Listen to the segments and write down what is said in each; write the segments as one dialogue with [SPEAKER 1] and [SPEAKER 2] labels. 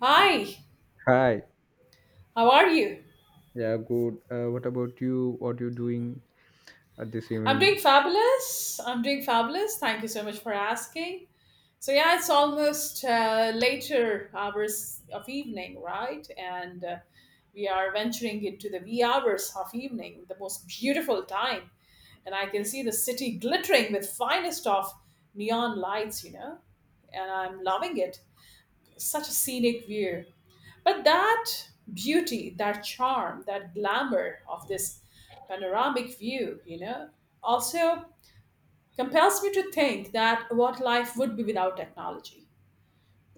[SPEAKER 1] Hi,
[SPEAKER 2] Hi.
[SPEAKER 1] how are you?
[SPEAKER 2] Yeah, good. What about you? What you doing this
[SPEAKER 1] I'm doing
[SPEAKER 2] evening?
[SPEAKER 1] fabulous. I'm doing fabulous. Thank you so much for asking. So yeah, it's almost later hours of evening, right? And We are venturing into the wee hours of evening, the most beautiful time. And I can see the city glittering with finest of neon lights, and I'm loving it. Such a scenic view. But that beauty, that charm, that glamour of this panoramic view, also compels me to think that what life would be without technology.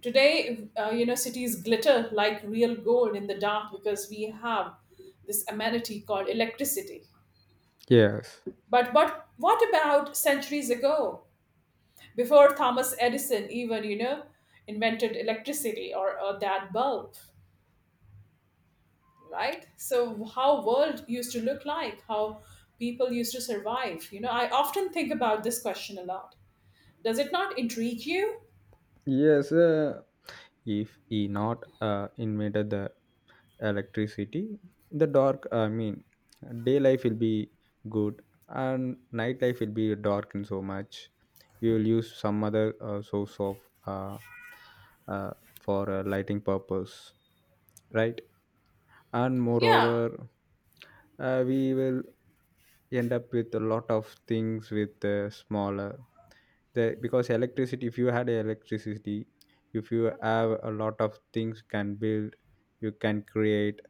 [SPEAKER 1] Today, cities glitter like real gold in the dark because we have this amenity called electricity.
[SPEAKER 2] Yes.
[SPEAKER 1] But what about centuries ago, before Thomas Edison even invented electricity or that bulb? Right, so how world used to look like, how people used to survive. I often think about this question a lot. Does it not intrigue you?
[SPEAKER 2] Yes. If he not invented the electricity, the dark. I mean, day life will be good and night life will be dark in so much. We will use some other source of uh, uh, for lighting purpose, right? And
[SPEAKER 1] Yeah,
[SPEAKER 2] moreover, we will end up with a lot of things with smaller the because electricity, if you had electricity, if you have a lot of things can build, you can create,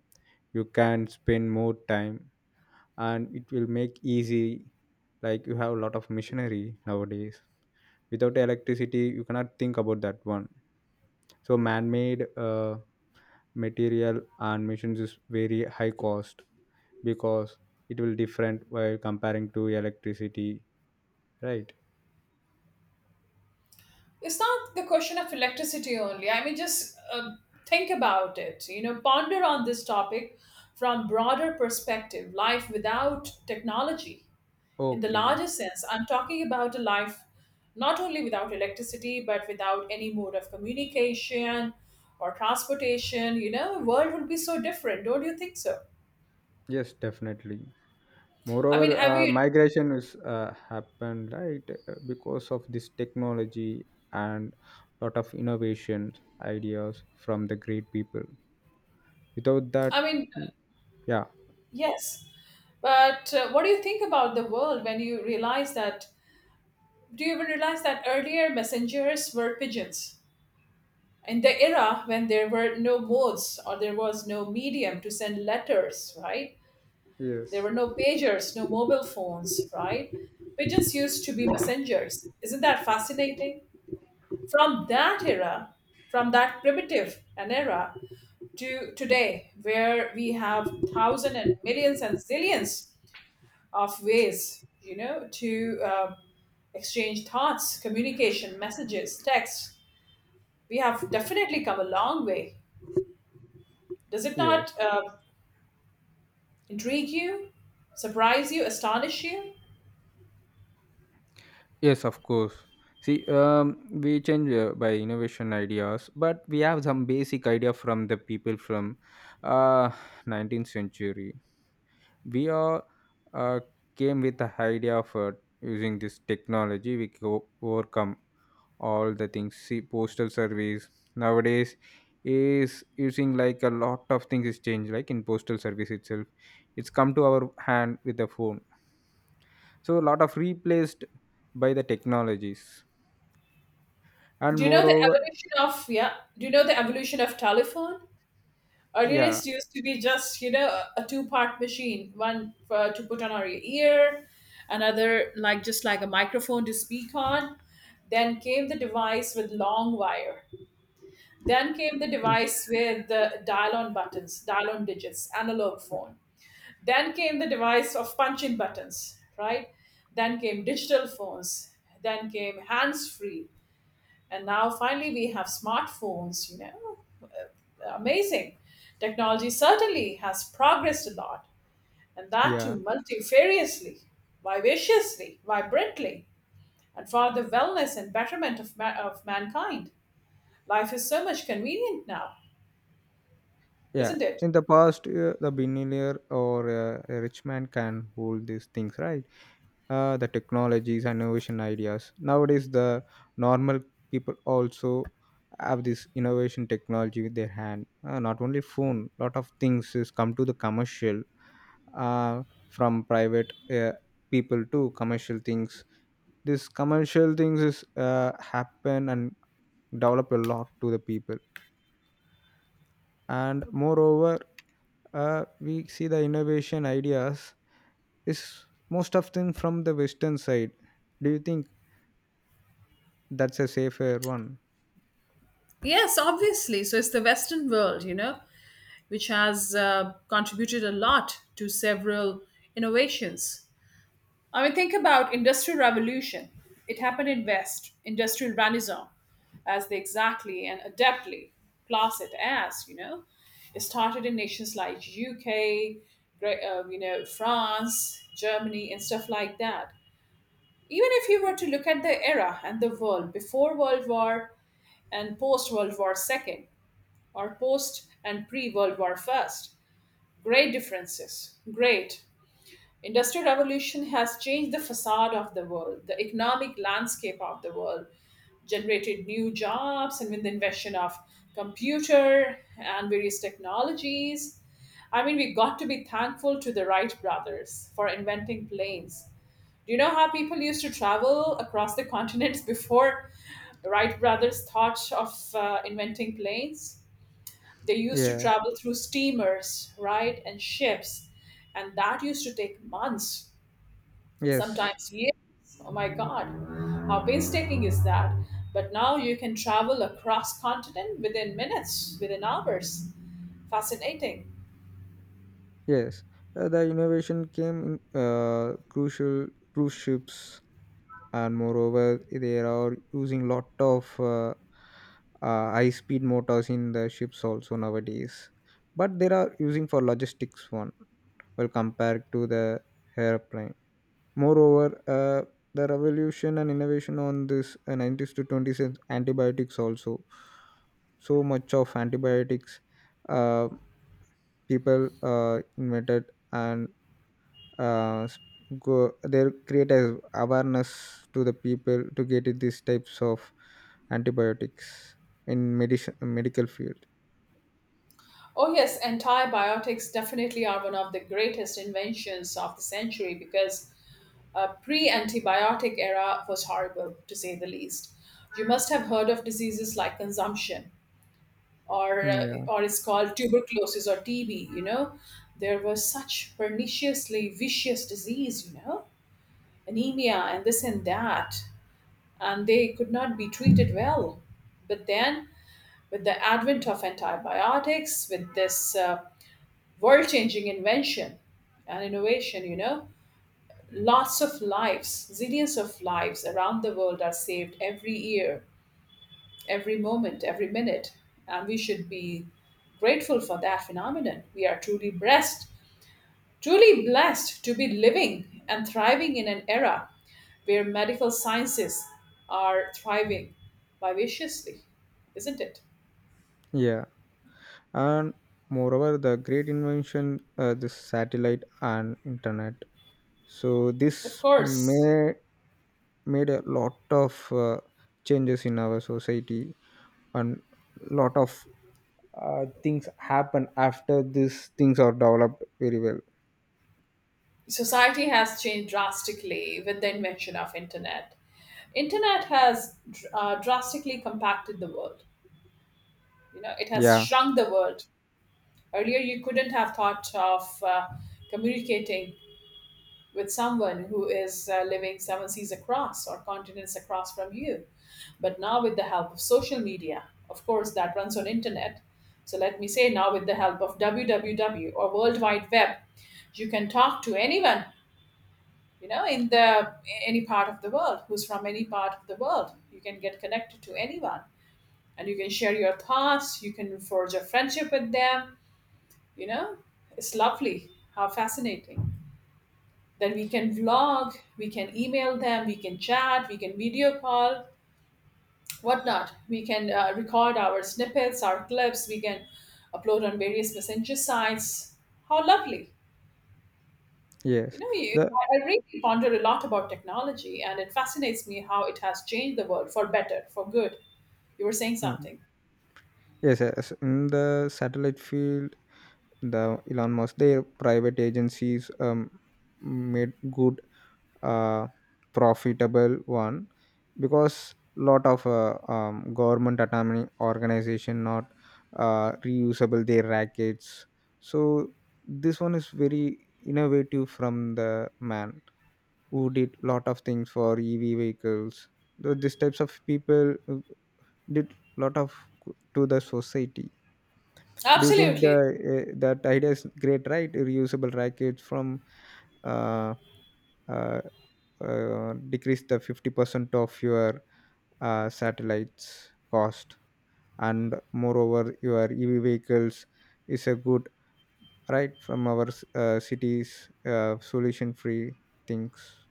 [SPEAKER 2] you can spend more time and it will make easy, like you have a lot of machinery nowadays. Without electricity you cannot think about that one. So man-made material and machines is very high cost because it will different while comparing to electricity, right?
[SPEAKER 1] it's not the question of electricity only. I mean, just uh, think about it. You know, ponder on this topic from broader perspective. Life without technology. In the
[SPEAKER 2] Okay.
[SPEAKER 1] larger sense, I'm talking about a life not only without electricity, but without any mode of communication or transportation. You know, the world would be so different. Don't you think so?
[SPEAKER 2] Yes, definitely.
[SPEAKER 1] I mean,
[SPEAKER 2] Moreover,
[SPEAKER 1] have you?
[SPEAKER 2] migration is happened, right? Because of this technology and lot of innovations ideas from the great people, without that.
[SPEAKER 1] I mean,
[SPEAKER 2] mm, yeah.
[SPEAKER 1] yes. But what do you think about the world when you realize that? Do you even realize that earlier messengers were pigeons? In the era when there were no modes or there was no medium to send letters, right? There
[SPEAKER 2] Yes.
[SPEAKER 1] were no pagers, no mobile phones, right? Pigeons used to be messengers. Isn't that fascinating? From that era, from that primitive an era to today, where we have thousands and millions and zillions of ways, you know, to exchange thoughts, communication, messages, texts. We have definitely come a long way. Does it
[SPEAKER 2] Yes.
[SPEAKER 1] not intrigue you, surprise you, astonish you?
[SPEAKER 2] Yes, of course. See, we change by innovation ideas, but we have some basic idea from the people from uh, 19th century. We are, uh, came with the idea of using this technology. We can overcome all the things. See, postal service nowadays is using, like a lot of things is changed. Like in postal service itself, it's come to our hand with the phone. So a lot of replaced by the technologies.
[SPEAKER 1] Do
[SPEAKER 2] And
[SPEAKER 1] you know the
[SPEAKER 2] moreover,
[SPEAKER 1] evolution of yeah? Do you know the evolution of telephone? Earlier,
[SPEAKER 2] yeah,
[SPEAKER 1] it used to be just, you know, a two-part machine, one for, to put on our ear, another like just like a microphone to speak on. Then came the device with long wire. Then came the device with the dial-on buttons, dial-on digits, analog phone. Then came the device of punching buttons, right? Then came digital phones. Then came hands-free, and now finally we have smartphones, you know. Amazing. Technology certainly has progressed a lot, and that
[SPEAKER 2] yeah,
[SPEAKER 1] too multifariously, vivaciously, vibrantly, and for the wellness and betterment of, of mankind. Life is so much convenient now,
[SPEAKER 2] yeah,
[SPEAKER 1] isn't it?
[SPEAKER 2] in the past the billionaire or a rich man can hold these things, right? The technologies and innovation ideas nowadays the normal people also have this innovation technology with their hand. Not only phone, lot of things is come to the commercial from private people to commercial things. This commercial things is happen and develop a lot to the people. And moreover, we see the innovation ideas is most of them from the western side. Do you think that's a safer one?
[SPEAKER 1] Yes, obviously. So it's the Western world, you know, which has contributed a lot to several innovations. I mean, think about Industrial Revolution. It happened in West, Industrial Renaissance, as they exactly and adeptly class it as, you know. It started in nations like UK, Great, you know, France, Germany, and stuff like that. Even if you were to look at the era and the world before World War and post World War Second, or post and pre World War First, great differences, great. Industrial revolution has changed the facade of the world, the economic landscape of the world, generated new jobs, and with the invention of computer and various technologies. I mean, we got to be thankful to the Wright brothers for inventing planes. Do you know how people used to travel across the continents before Wright brothers thought of inventing planes? They used to
[SPEAKER 2] Yeah.
[SPEAKER 1] travel through steamers, right, and ships, and that used to take months,
[SPEAKER 2] Yes.
[SPEAKER 1] sometimes years. Oh my God, how painstaking is that? But now you can travel across continent within minutes, within hours. Fascinating.
[SPEAKER 2] Yes. The innovation came in crucial cruise ships. And moreover, they are using lot of high speed motors in the ships also nowadays, but they are using for logistics one, well compared to the airplane. Moreover, the revolution and innovation on this 90s to 20s is antibiotics also. So much of antibiotics, uh, people invented and uh, s- go, they create as awareness to the people to get it these types of antibiotics in medicine medical field.
[SPEAKER 1] Oh yes, antibiotics definitely are one of the greatest inventions of the century because a pre-antibiotic era was horrible to say the least. You must have heard of diseases like consumption or
[SPEAKER 2] Mm.
[SPEAKER 1] uh,
[SPEAKER 2] Yeah,
[SPEAKER 1] or it's called tuberculosis or TB, you know. There was such perniciously vicious disease, you know, anemia and this and that, and they could not be treated well. But then, with the advent of antibiotics, with this world changing invention and innovation, you know, lots of lives, zillions of lives around the world are saved every year, every moment, every minute. And we should be grateful for that phenomenon. We are truly blessed. Truly blessed to be living and thriving in an era where medical sciences are thriving vivaciously, isn't it?
[SPEAKER 2] yeah, and moreover, the great invention, this satellite and internet. So
[SPEAKER 1] Of
[SPEAKER 2] this
[SPEAKER 1] course,
[SPEAKER 2] may made a lot of changes in our society, and lot of things happen after these things are developed very well.
[SPEAKER 1] society has changed drastically with the invention of internet. Internet has drastically compacted the world. You know, it has
[SPEAKER 2] Yeah.
[SPEAKER 1] shrunk the world. Earlier, you couldn't have thought of communicating with someone who is living seven seas across or continents across from you, but now with the help of social media, of course that runs on internet, so let me say now with the help of www or world wide web, you can talk to anyone, you know, in the any part of the world, who's from any part of the world, you can get connected to anyone, and you can share your thoughts, you can forge a friendship with them, you know, it's lovely, how fascinating. Then we can vlog, we can email them, we can chat, we can video call, whatnot. We can record our snippets, our clips, we can upload on various messenger sites. How lovely. You
[SPEAKER 2] Yes.
[SPEAKER 1] know,
[SPEAKER 2] The
[SPEAKER 1] I really ponder a lot about technology, and it fascinates me how it has changed the world for better, for good. You were saying
[SPEAKER 2] mm,
[SPEAKER 1] something.
[SPEAKER 2] yes, yes, in the satellite field, the Elon Musk, their private agencies, made good uh, profitable one, because lot of government autonomy organization not reusable their rackets. So this one is very innovative from the man who did lot of things for EV vehicles. These types of people did lot of good to the society. Do you think the
[SPEAKER 1] Absolutely.
[SPEAKER 2] that idea is great, right? Reusable rackets from uh, uh, decrease the 50% of your satellites cost. And moreover, your EV vehicles is a good right from our cities solution free things.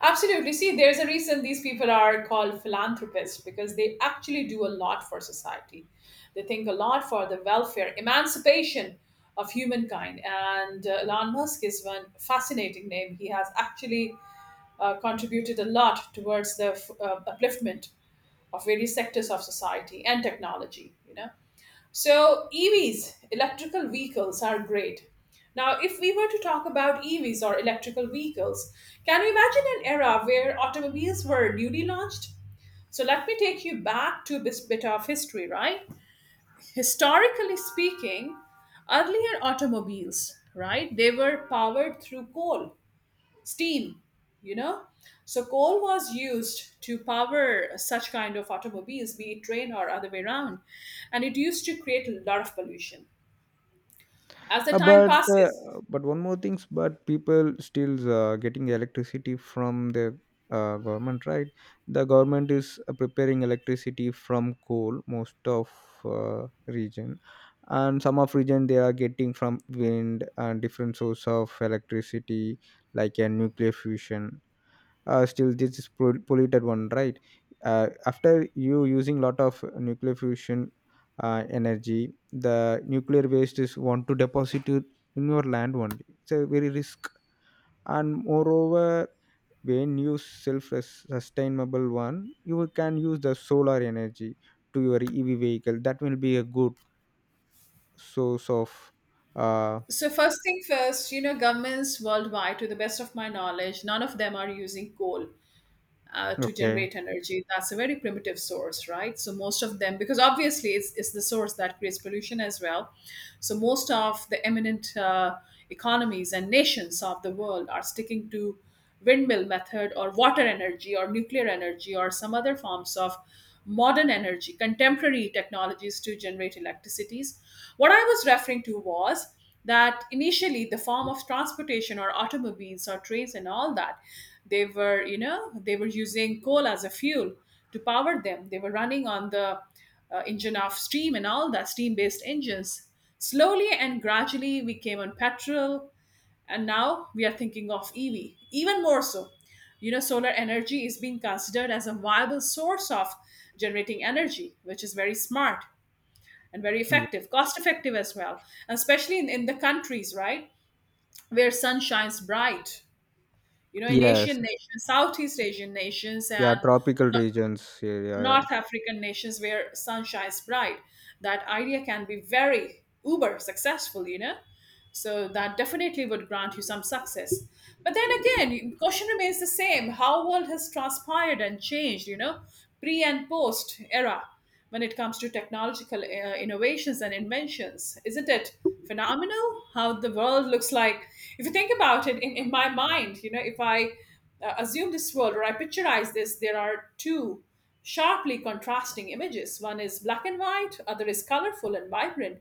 [SPEAKER 1] Absolutely. See, there's a reason these people are called philanthropists because they actually do a lot for society. They think a lot for the welfare, emancipation of humankind. And Elon Musk is one fascinating name. He has actually contributed a lot towards the upliftment of various sectors of society and technology, you know. So, EVs, electrical vehicles, are great. Now, if we were to talk about EVs or electrical vehicles, can you imagine an era where automobiles were newly launched? So, let me take you back to this bit of history, right? Historically speaking, earlier automobiles, right, they were powered through coal, steam, you know? So, coal was used to power such kind of automobiles, be it train or other way around, and it used to create a lot of pollution as the
[SPEAKER 2] Uh,
[SPEAKER 1] time
[SPEAKER 2] but uh,
[SPEAKER 1] passes.
[SPEAKER 2] but one more things, but people still getting electricity from the government, right? The government is preparing electricity from coal most of region, and some of region they are getting from wind and different source of electricity like a nuclear fusion. Still this is polluted one, right? After you using lot of nuclear fusion energy, the nuclear waste is want to deposit it in your land only. It's a very risk. And moreover, when you self sustainable one, you can use the solar energy to your EV vehicle. That will be a good source of uh
[SPEAKER 1] So first thing first, you know, governments worldwide, to the best of my knowledge, none of them are using coal to
[SPEAKER 2] okay.
[SPEAKER 1] generate energy. That's a very primitive source, right? So most of them, because obviously it's the source that creates pollution as well. So most of the eminent economies and nations of the world are sticking to windmill method or water energy or nuclear energy or some other forms of modern energy, contemporary technologies to generate electricities. What I was referring to was that initially the form of transportation or automobiles or trains and all that, they were, you know, they were using coal as a fuel to power them, they were running on the engine of steam and all that, steam based engines, slowly and gradually we came on petrol, and now we are thinking of ev, even more so, you know, solar energy is being considered as a viable source of generating energy, which is very smart and very
[SPEAKER 2] Ye-
[SPEAKER 1] effective, cost effective as well, especially in the countries, right, where sun shines bright. You know, in
[SPEAKER 2] yes.
[SPEAKER 1] Asian nations, Southeast Asian nations,
[SPEAKER 2] Yeah,
[SPEAKER 1] and
[SPEAKER 2] tropical regions, yeah, yeah.
[SPEAKER 1] North African nations where sun shines bright, that idea can be very uber successful, you know. So that definitely would grant you some success. But then again, question remains the same. How world has transpired and changed, you know, pre and post era when it comes to technological innovations and inventions. Isn't it phenomenal how the world looks like? If you think about it in my mind, you know, if I assume this world or I picturize this, there are two sharply contrasting images. One is black and white, other is colorful and vibrant.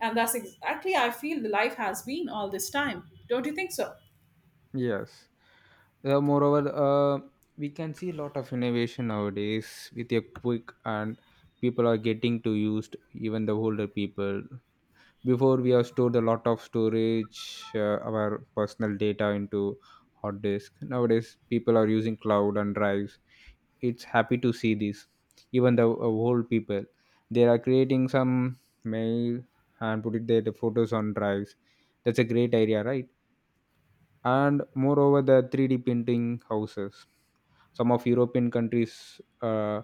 [SPEAKER 1] And that's exactly I feel the life has been all this time. Don't you think so?
[SPEAKER 2] Yes. Moreover, we can see a lot of innovation nowadays with a quick, and people are getting to used, even the older people. Before we have stored a lot of storage, our personal data into hard disk. Nowadays, people are using cloud and drives. It's happy to see this. Even the old people, they are creating some mail and putting their photos on drives. That's a great idea, right? And moreover, the 3D printing houses, some of european countries uh,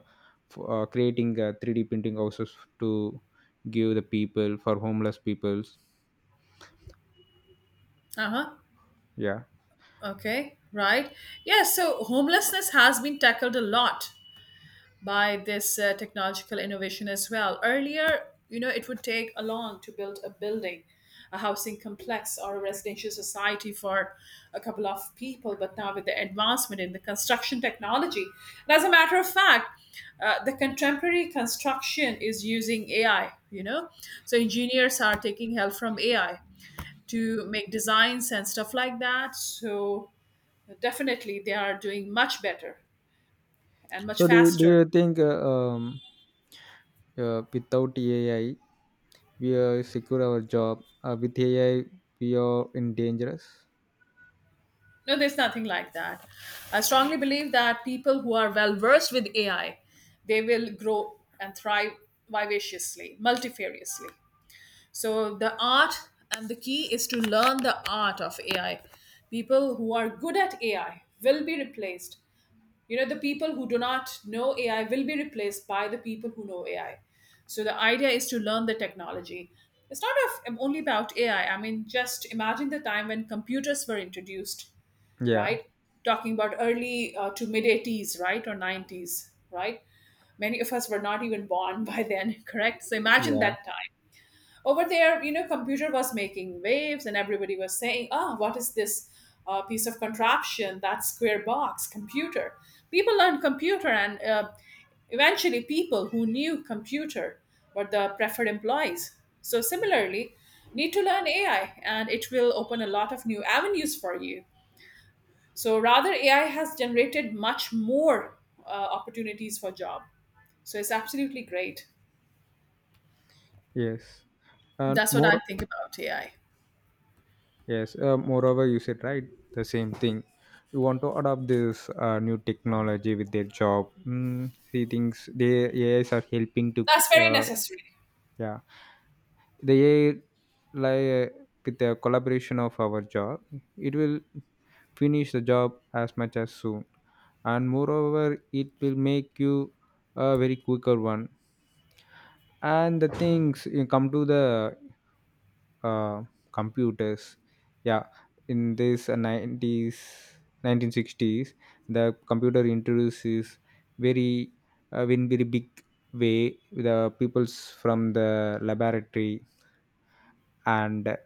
[SPEAKER 2] f- uh, creating 3D printing houses to give the people for homeless peoples.
[SPEAKER 1] Uh huh.
[SPEAKER 2] Yeah.
[SPEAKER 1] Okay. Right. Yeah. So homelessness has been tackled a lot by this technological innovation as well. Earlier, you know, it would take a long to build a building, a housing complex, or a residential society for a couple of people. But now, with the advancement in the construction technology, and as a matter of fact, the contemporary construction is using AI. You know, so engineers are taking help from AI to make designs and stuff like that. So definitely, they are doing much better and much
[SPEAKER 2] So do
[SPEAKER 1] faster.
[SPEAKER 2] you think without AI we are secure our job? With AI we are in dangerous.
[SPEAKER 1] No, there's nothing like that. I strongly believe that people who are well versed with AI, they will grow and thrive vivaciously, multifariously. So the art and the key is to learn the art of AI. People who are good at AI will be replaced. You know, the people who do not know AI will be replaced by the people who know AI. So the idea is to learn the technology. It's not of, only about AI. I mean, just imagine the time when computers were introduced,
[SPEAKER 2] Yeah.
[SPEAKER 1] right? Talking about early to mid 80s, right? Or 90s, right? Many of us were not even born by then, correct? So imagine
[SPEAKER 2] Yeah.
[SPEAKER 1] that time. Over there, you know, computer was making waves and everybody was saying, oh, what is this piece of contraption, that square box, computer? People learned computer and eventually people who knew computer were the preferred employees. So similarly, need to learn AI and it will open a lot of new avenues for you. So rather, AI has generated much more opportunities for job. So it's absolutely great.
[SPEAKER 2] Yes. And
[SPEAKER 1] That's what I
[SPEAKER 2] more.
[SPEAKER 1] think about AI.
[SPEAKER 2] Yes, moreover, you said right the same thing. You want to adopt this new technology with their job. Mm, see things the AIs are helping to
[SPEAKER 1] That's very
[SPEAKER 2] uh,
[SPEAKER 1] necessary.
[SPEAKER 2] yeah, the AI, like with the collaboration of our job, it will finish the job as much as soon. And moreover, it will make you a very quicker one, and the things you come to the uh, computers. Yeah, in this 90s, 1960s, the computer introduces very in very big way. The peoples from the laboratory and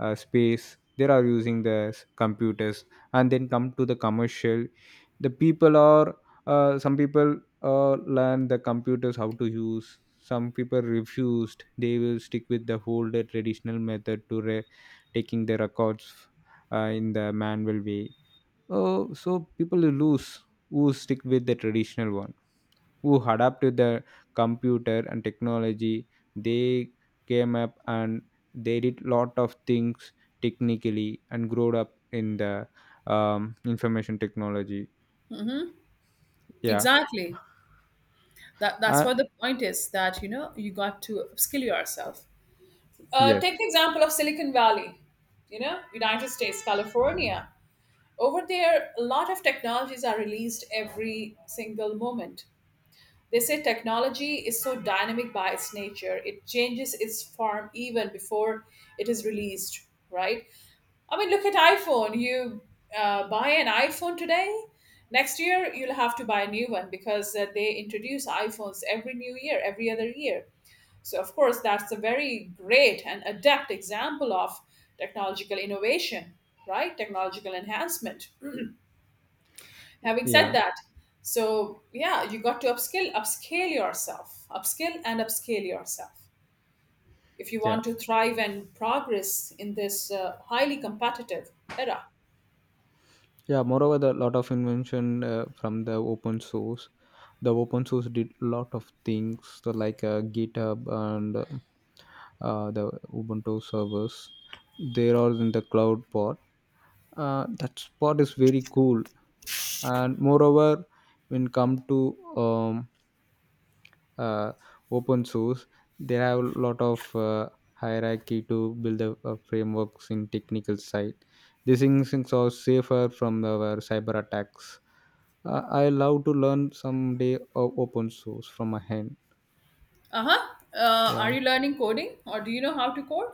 [SPEAKER 2] space, they are using the computers, and then come to the commercial. The people are some people learn the computers how to use, some people refused, they will stick with the older traditional method to taking the records in the manual way. Oh, so people lose who stick with the traditional one. Who adapt to the computer and technology, they came up and they did lot of things technically and growed up in the information technology. Yeah.
[SPEAKER 1] Exactly. That's
[SPEAKER 2] uh,
[SPEAKER 1] what the point is, that you know you got to upskill yourself.
[SPEAKER 2] yes.
[SPEAKER 1] Take the example of Silicon Valley, you know, United States, California. Over there, a lot of technologies are released every single moment. They say technology is so dynamic by its nature, it changes its form even before it is released, right? I mean, look at iPhone. You buy an iPhone today, next year you'll have to buy a new one because they introduce iPhones every new year, every other year. So, of course, that's a very great and adept example of technological innovation, right? Technological enhancement, having said
[SPEAKER 2] Yeah.
[SPEAKER 1] that, so yeah, you got to upskill and upscale yourself if you
[SPEAKER 2] Yeah.
[SPEAKER 1] want to thrive and progress in this highly competitive era.
[SPEAKER 2] Yeah, moreover the lot of invention from the open source. The open source did lot of things, so like github and the ubuntu servers. They are in the cloud part. That part is very cool. And moreover, when come to um, uh, open source, there are a lot of hierarchy to build the frameworks in technical side. These things are safer from our cyber attacks. I love to learn someday of open source from my hand.
[SPEAKER 1] Uh-huh. Uh, are
[SPEAKER 2] Yeah.
[SPEAKER 1] you learning coding or do you know how to code?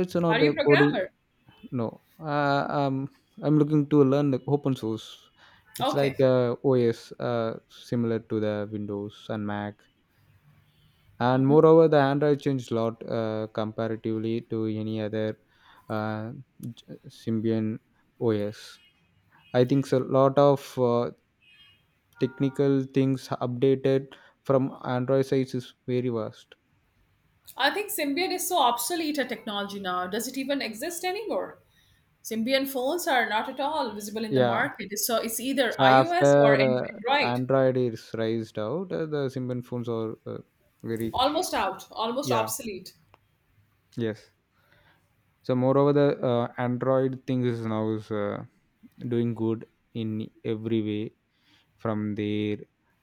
[SPEAKER 2] It's
[SPEAKER 1] Are
[SPEAKER 2] not a
[SPEAKER 1] you a
[SPEAKER 2] coding.
[SPEAKER 1] programmer?
[SPEAKER 2] No, I'm looking to learn the open source. It's
[SPEAKER 1] Okay.
[SPEAKER 2] like OS, similar to the windows and mac. And moreover, the android changed a lot comparatively to any other uh, symbian OS. I think a lot of uh, technical things updated from android. Size is very vast.
[SPEAKER 1] I think symbian is so obsolete a technology now, does it even exist anymore? Symbian phones are not at all visible in the
[SPEAKER 2] Yeah.
[SPEAKER 1] market, so it's either
[SPEAKER 2] So
[SPEAKER 1] iOS or
[SPEAKER 2] after uh,
[SPEAKER 1] Android.
[SPEAKER 2] android is raised out, the symbian phones are very.
[SPEAKER 1] Almost out, almost
[SPEAKER 2] Yeah.
[SPEAKER 1] obsolete.
[SPEAKER 2] Yes. So moreover, the android thing is now is doing good in every way from their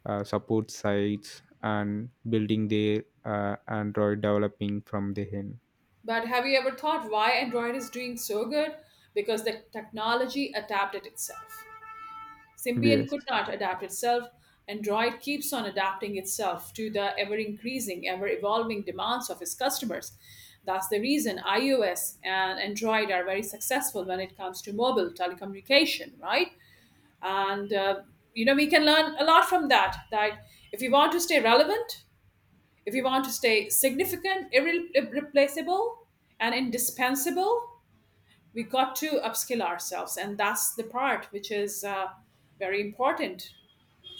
[SPEAKER 2] support sites and building their android developing from the end.
[SPEAKER 1] But have you ever thought why Android is doing so good? Because the technology adapted itself. Symbian
[SPEAKER 2] Yes.
[SPEAKER 1] could not adapt itself. Android keeps on adapting itself to the ever increasing, ever evolving demands of its customers. That's the reason iOS and Android are very successful when it comes to mobile telecommunication, right? And you know, we can learn a lot from that. That if you want to stay relevant, if we want to stay significant, irreplaceable, and indispensable, we got to upskill ourselves. And that's the part which is very important.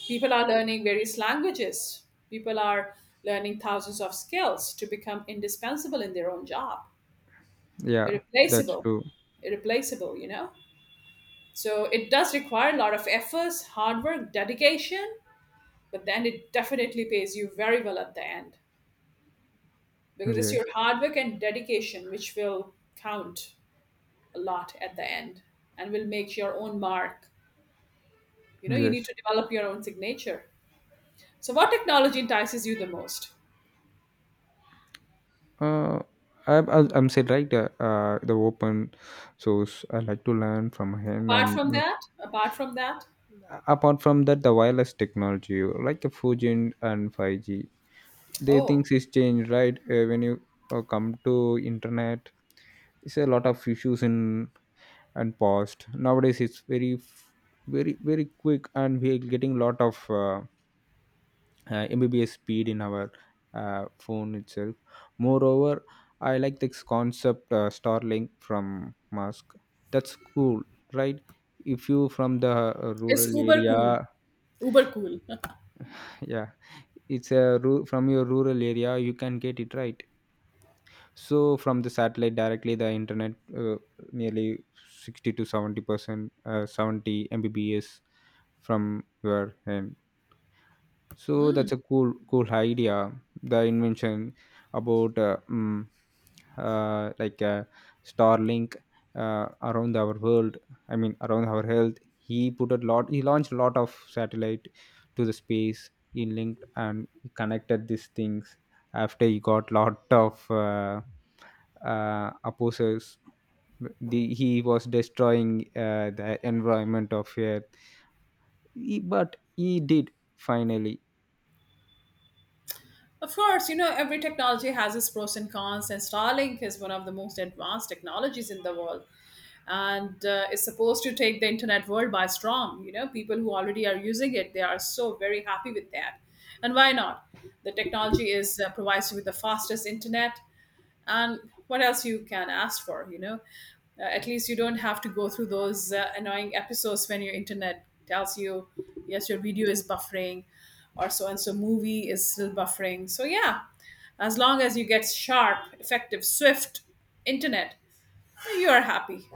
[SPEAKER 1] People are learning various languages, people are learning thousands of skills to become indispensable in their own job,
[SPEAKER 2] Yeah. That's
[SPEAKER 1] irreplaceable,
[SPEAKER 2] true.
[SPEAKER 1] irreplaceable, you know? So it does require a lot of efforts, hard work, dedication, but then it definitely pays you very well at the end. Because it's
[SPEAKER 2] Yes.
[SPEAKER 1] your hard work and dedication which will count a lot at the end and will make your own mark. You know, you need
[SPEAKER 2] Yes.
[SPEAKER 1] to develop your own signature. So what technology entices you the most?
[SPEAKER 2] uh I'm said right, the open source I like to learn from him.
[SPEAKER 1] Apart
[SPEAKER 2] And
[SPEAKER 1] from that, apart from that.
[SPEAKER 2] Apart from that, the wireless technology like the 4G and 5G, they
[SPEAKER 1] Oh,
[SPEAKER 2] things is changed, right? When you come to internet, it's a lot of issues in and paused. Nowadays it's very very, very quick, and we are getting lot of uh, mbbs speed in our phone itself. Moreover, I like this concept, starlink from musk. That's cool, right? If you from the
[SPEAKER 1] it's
[SPEAKER 2] rural
[SPEAKER 1] uber
[SPEAKER 2] area.
[SPEAKER 1] cool. Uber cool.
[SPEAKER 2] Yeah. It's a from your rural area you can get it, right? So from the satellite directly the internet, nearly 60 to 70%, 70 mbps from your end. So that's a cool idea. The invention about like Starlink around our world. I mean around our health. He put a lot. He launched a lot of satellite to the space. He linked and he connected these things. After he got lot of opposers, he was destroying the environment of Earth. He, but he did finally.
[SPEAKER 1] Of course, you know, every technology has its pros and cons, and starlink is one of the most advanced technologies in the world, and is supposed to take the internet world by storm. You know, people who already are using it, they are so very happy with that. And why not? The technology is provides you with the fastest internet, and what else you can ask for, you know. Uh, at least you don't have to go through those annoying episodes when your internet tells you yes, your video is buffering, or so and so movie is still buffering. So yeah, as long as you get sharp, effective, swift internet, you are happy.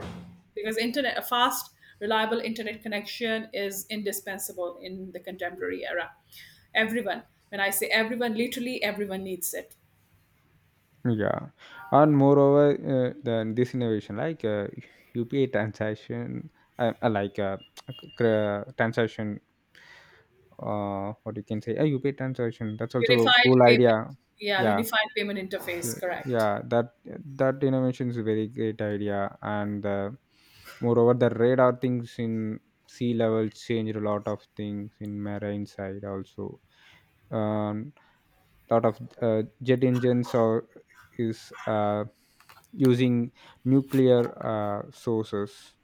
[SPEAKER 1] Because internet, a fast, reliable internet connection is indispensable in the contemporary era. Everyone, when I say everyone, literally everyone needs it.
[SPEAKER 2] Yeah, and moreover, then this innovation like UPA transaction, like transaction, what you can say, UPA transaction. That's also a
[SPEAKER 1] Unified
[SPEAKER 2] cool
[SPEAKER 1] payment,
[SPEAKER 2] idea.
[SPEAKER 1] yeah,
[SPEAKER 2] Yeah,
[SPEAKER 1] unified payment
[SPEAKER 2] yeah,
[SPEAKER 1] interface, correct.
[SPEAKER 2] yeah. That, that innovation is a very great idea. And moreover, the radar things in sea level change a lot of things in marine side also. Um, lot of jet engines or is using nuclear sources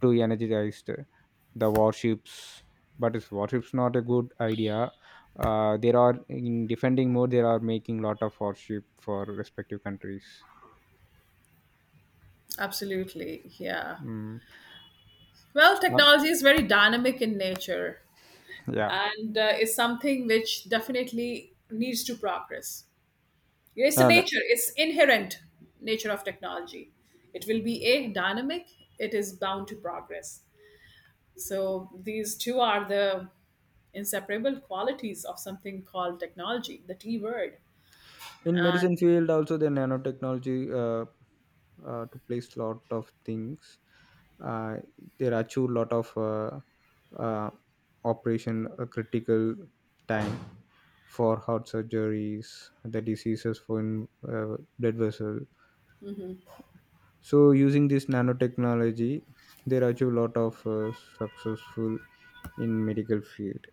[SPEAKER 2] to energize the warships. But is warships not a good idea? There are in defending mode, there are making lot of warship for respective countries.
[SPEAKER 1] Absolutely, yeah.
[SPEAKER 2] Mm.
[SPEAKER 1] Well,
[SPEAKER 2] uh,
[SPEAKER 1] technology is very dynamic in nature,
[SPEAKER 2] yeah.
[SPEAKER 1] and is something which definitely needs to progress. It's a
[SPEAKER 2] Uh,
[SPEAKER 1] nature, it's inherent nature of technology. It will be a dynamic, it is bound to progress. So these two are the inseparable qualities of something called technology, the T word.
[SPEAKER 2] in
[SPEAKER 1] And
[SPEAKER 2] medicine field also, the nanotechnology to place lot of things, uh, there are too lot of uh, operation critical time for heart surgeries, the diseases for in, blood vessel. So using this nanotechnology, there are too lot of successful in medical field.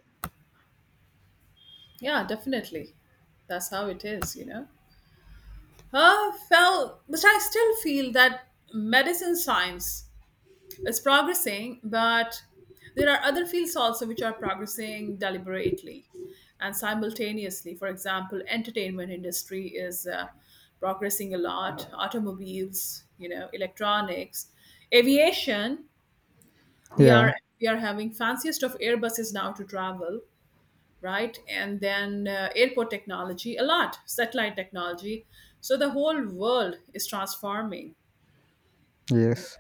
[SPEAKER 1] yeah, definitely. That's how it is, you know. Well, but I still feel that medicine science, it's progressing, but there are other fields also which are progressing deliberately and simultaneously. For example, entertainment industry is progressing a lot. Automobiles, you know, electronics, aviation. We
[SPEAKER 2] Yeah.
[SPEAKER 1] are we are having fanciest of airbuses now to travel, right? And then airport technology, a lot, satellite technology. So the whole world is transforming.
[SPEAKER 2] Yes.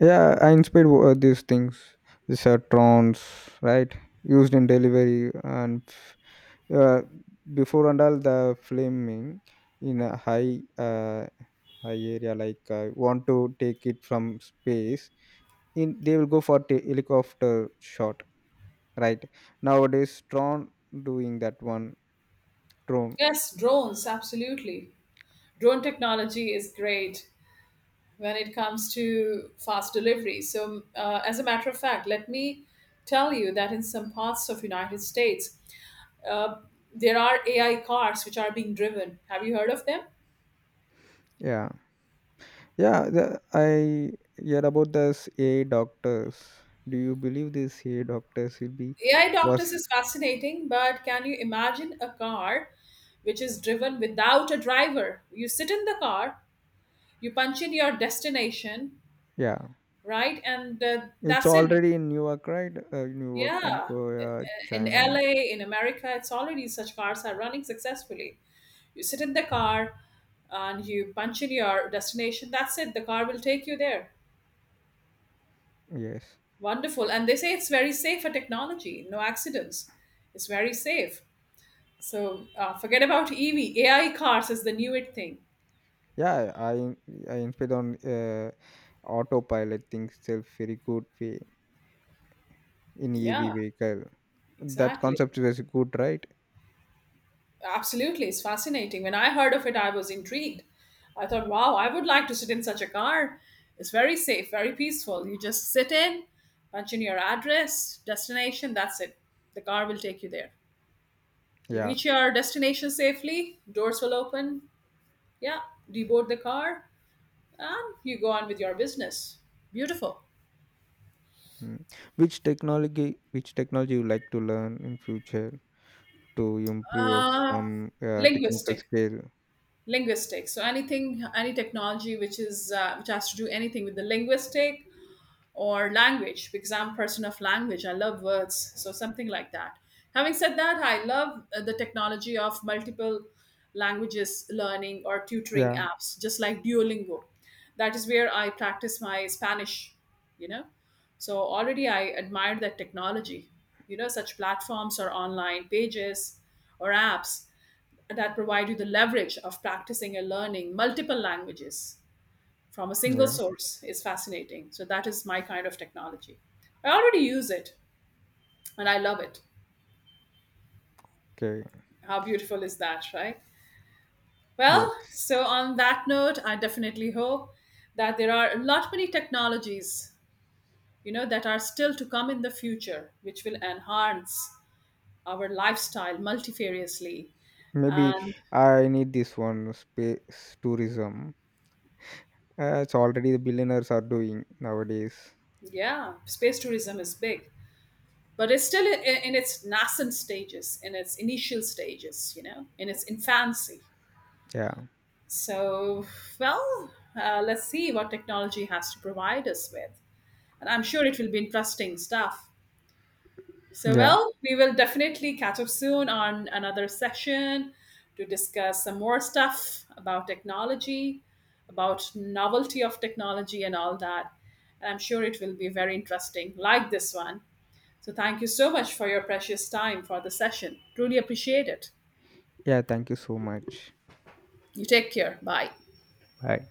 [SPEAKER 2] Yeah, I inspired these things. These are trons, right? Used in delivery and uh, before, and all the flaming in a high high area, like want to take it from space. In, they will go for helicopter shot, right? Nowadays, Tron doing that one, drone.
[SPEAKER 1] Yes, drones, absolutely. Drone technology is great when it comes to fast delivery. So as a matter of fact, let me tell you that in some parts of United States, uh, there are AI cars which are being driven. Have you heard of them?
[SPEAKER 2] Yeah. Yeah, the, I hear about this AI doctors. Do you believe this AI doctors will be
[SPEAKER 1] AI
[SPEAKER 2] was?
[SPEAKER 1] doctors is fascinating, but can you imagine a car which is driven without a driver? You sit in the car, you punch in your destination,
[SPEAKER 2] Yeah?
[SPEAKER 1] right, and
[SPEAKER 2] It's
[SPEAKER 1] that's it.
[SPEAKER 2] already in New York, right? New York and
[SPEAKER 1] Yeah,
[SPEAKER 2] Korea,
[SPEAKER 1] in
[SPEAKER 2] China.
[SPEAKER 1] LA, in America, it's already, such cars are running successfully. You sit in the car and you punch in your destination. That's it. The car will take you there.
[SPEAKER 2] Yes.
[SPEAKER 1] Wonderful. And they say it's very safe for technology. No accidents. It's very safe. So forget about EV. AI cars is the newest thing.
[SPEAKER 2] Yeah, I inspired on autopilot things self, very good way in EV
[SPEAKER 1] Yeah,
[SPEAKER 2] vehicle. That
[SPEAKER 1] exactly.
[SPEAKER 2] concept was good, right?
[SPEAKER 1] Absolutely, it's fascinating. When I heard of it, I was intrigued. I thought, wow, I would like to sit in such a car. It's very safe, very peaceful. You just sit in, punch in your address, destination, that's it. The car will take you there. You
[SPEAKER 2] Yeah.
[SPEAKER 1] reach your destination safely, doors will open. Yeah, deboard the car, and you go on with your business. Beautiful.
[SPEAKER 2] Mm. Which technology you like to learn in future to improve
[SPEAKER 1] Uh,
[SPEAKER 2] from technical
[SPEAKER 1] linguistic
[SPEAKER 2] scale?
[SPEAKER 1] linguistics, so anything, any technology which is which has to do anything with the linguistic or language, because I'm a person of language, I love words, so something like that. Having said that, I love the technology of multiple languages learning or tutoring
[SPEAKER 2] Yeah.
[SPEAKER 1] apps, just like duolingo. That is where I practice my Spanish, you know. So already I admire that technology, you know, such platforms or online pages or apps that provide you the leverage of practicing and learning multiple languages from a single
[SPEAKER 2] Yeah,
[SPEAKER 1] source is fascinating. So that is my kind of technology. I already use it and I love it.
[SPEAKER 2] okay.
[SPEAKER 1] How beautiful is that, right? Well,
[SPEAKER 2] Yes.
[SPEAKER 1] so on that note, I definitely hope that there are a lot many technologies, you know, that are still to come in the future, which will enhance our lifestyle multifariously.
[SPEAKER 2] Maybe
[SPEAKER 1] And
[SPEAKER 2] I need this one, space tourism. It's already the billionaires are doing nowadays.
[SPEAKER 1] yeah, space tourism is big, but it's still in its nascent stages, in its initial stages, you know, in its infancy.
[SPEAKER 2] Yeah.
[SPEAKER 1] So, well, let's see what technology has to provide us with. And I'm sure it will be interesting stuff. So,
[SPEAKER 2] Yeah.
[SPEAKER 1] well, we will definitely catch up soon on another session to discuss some more stuff about technology, about novelty of technology and all that. And I'm sure it will be very interesting, like this one. So, thank you so much for your precious time for the session. Truly appreciate it.
[SPEAKER 2] Yeah. Thank you so much.
[SPEAKER 1] You take care. Bye.
[SPEAKER 2] Bye.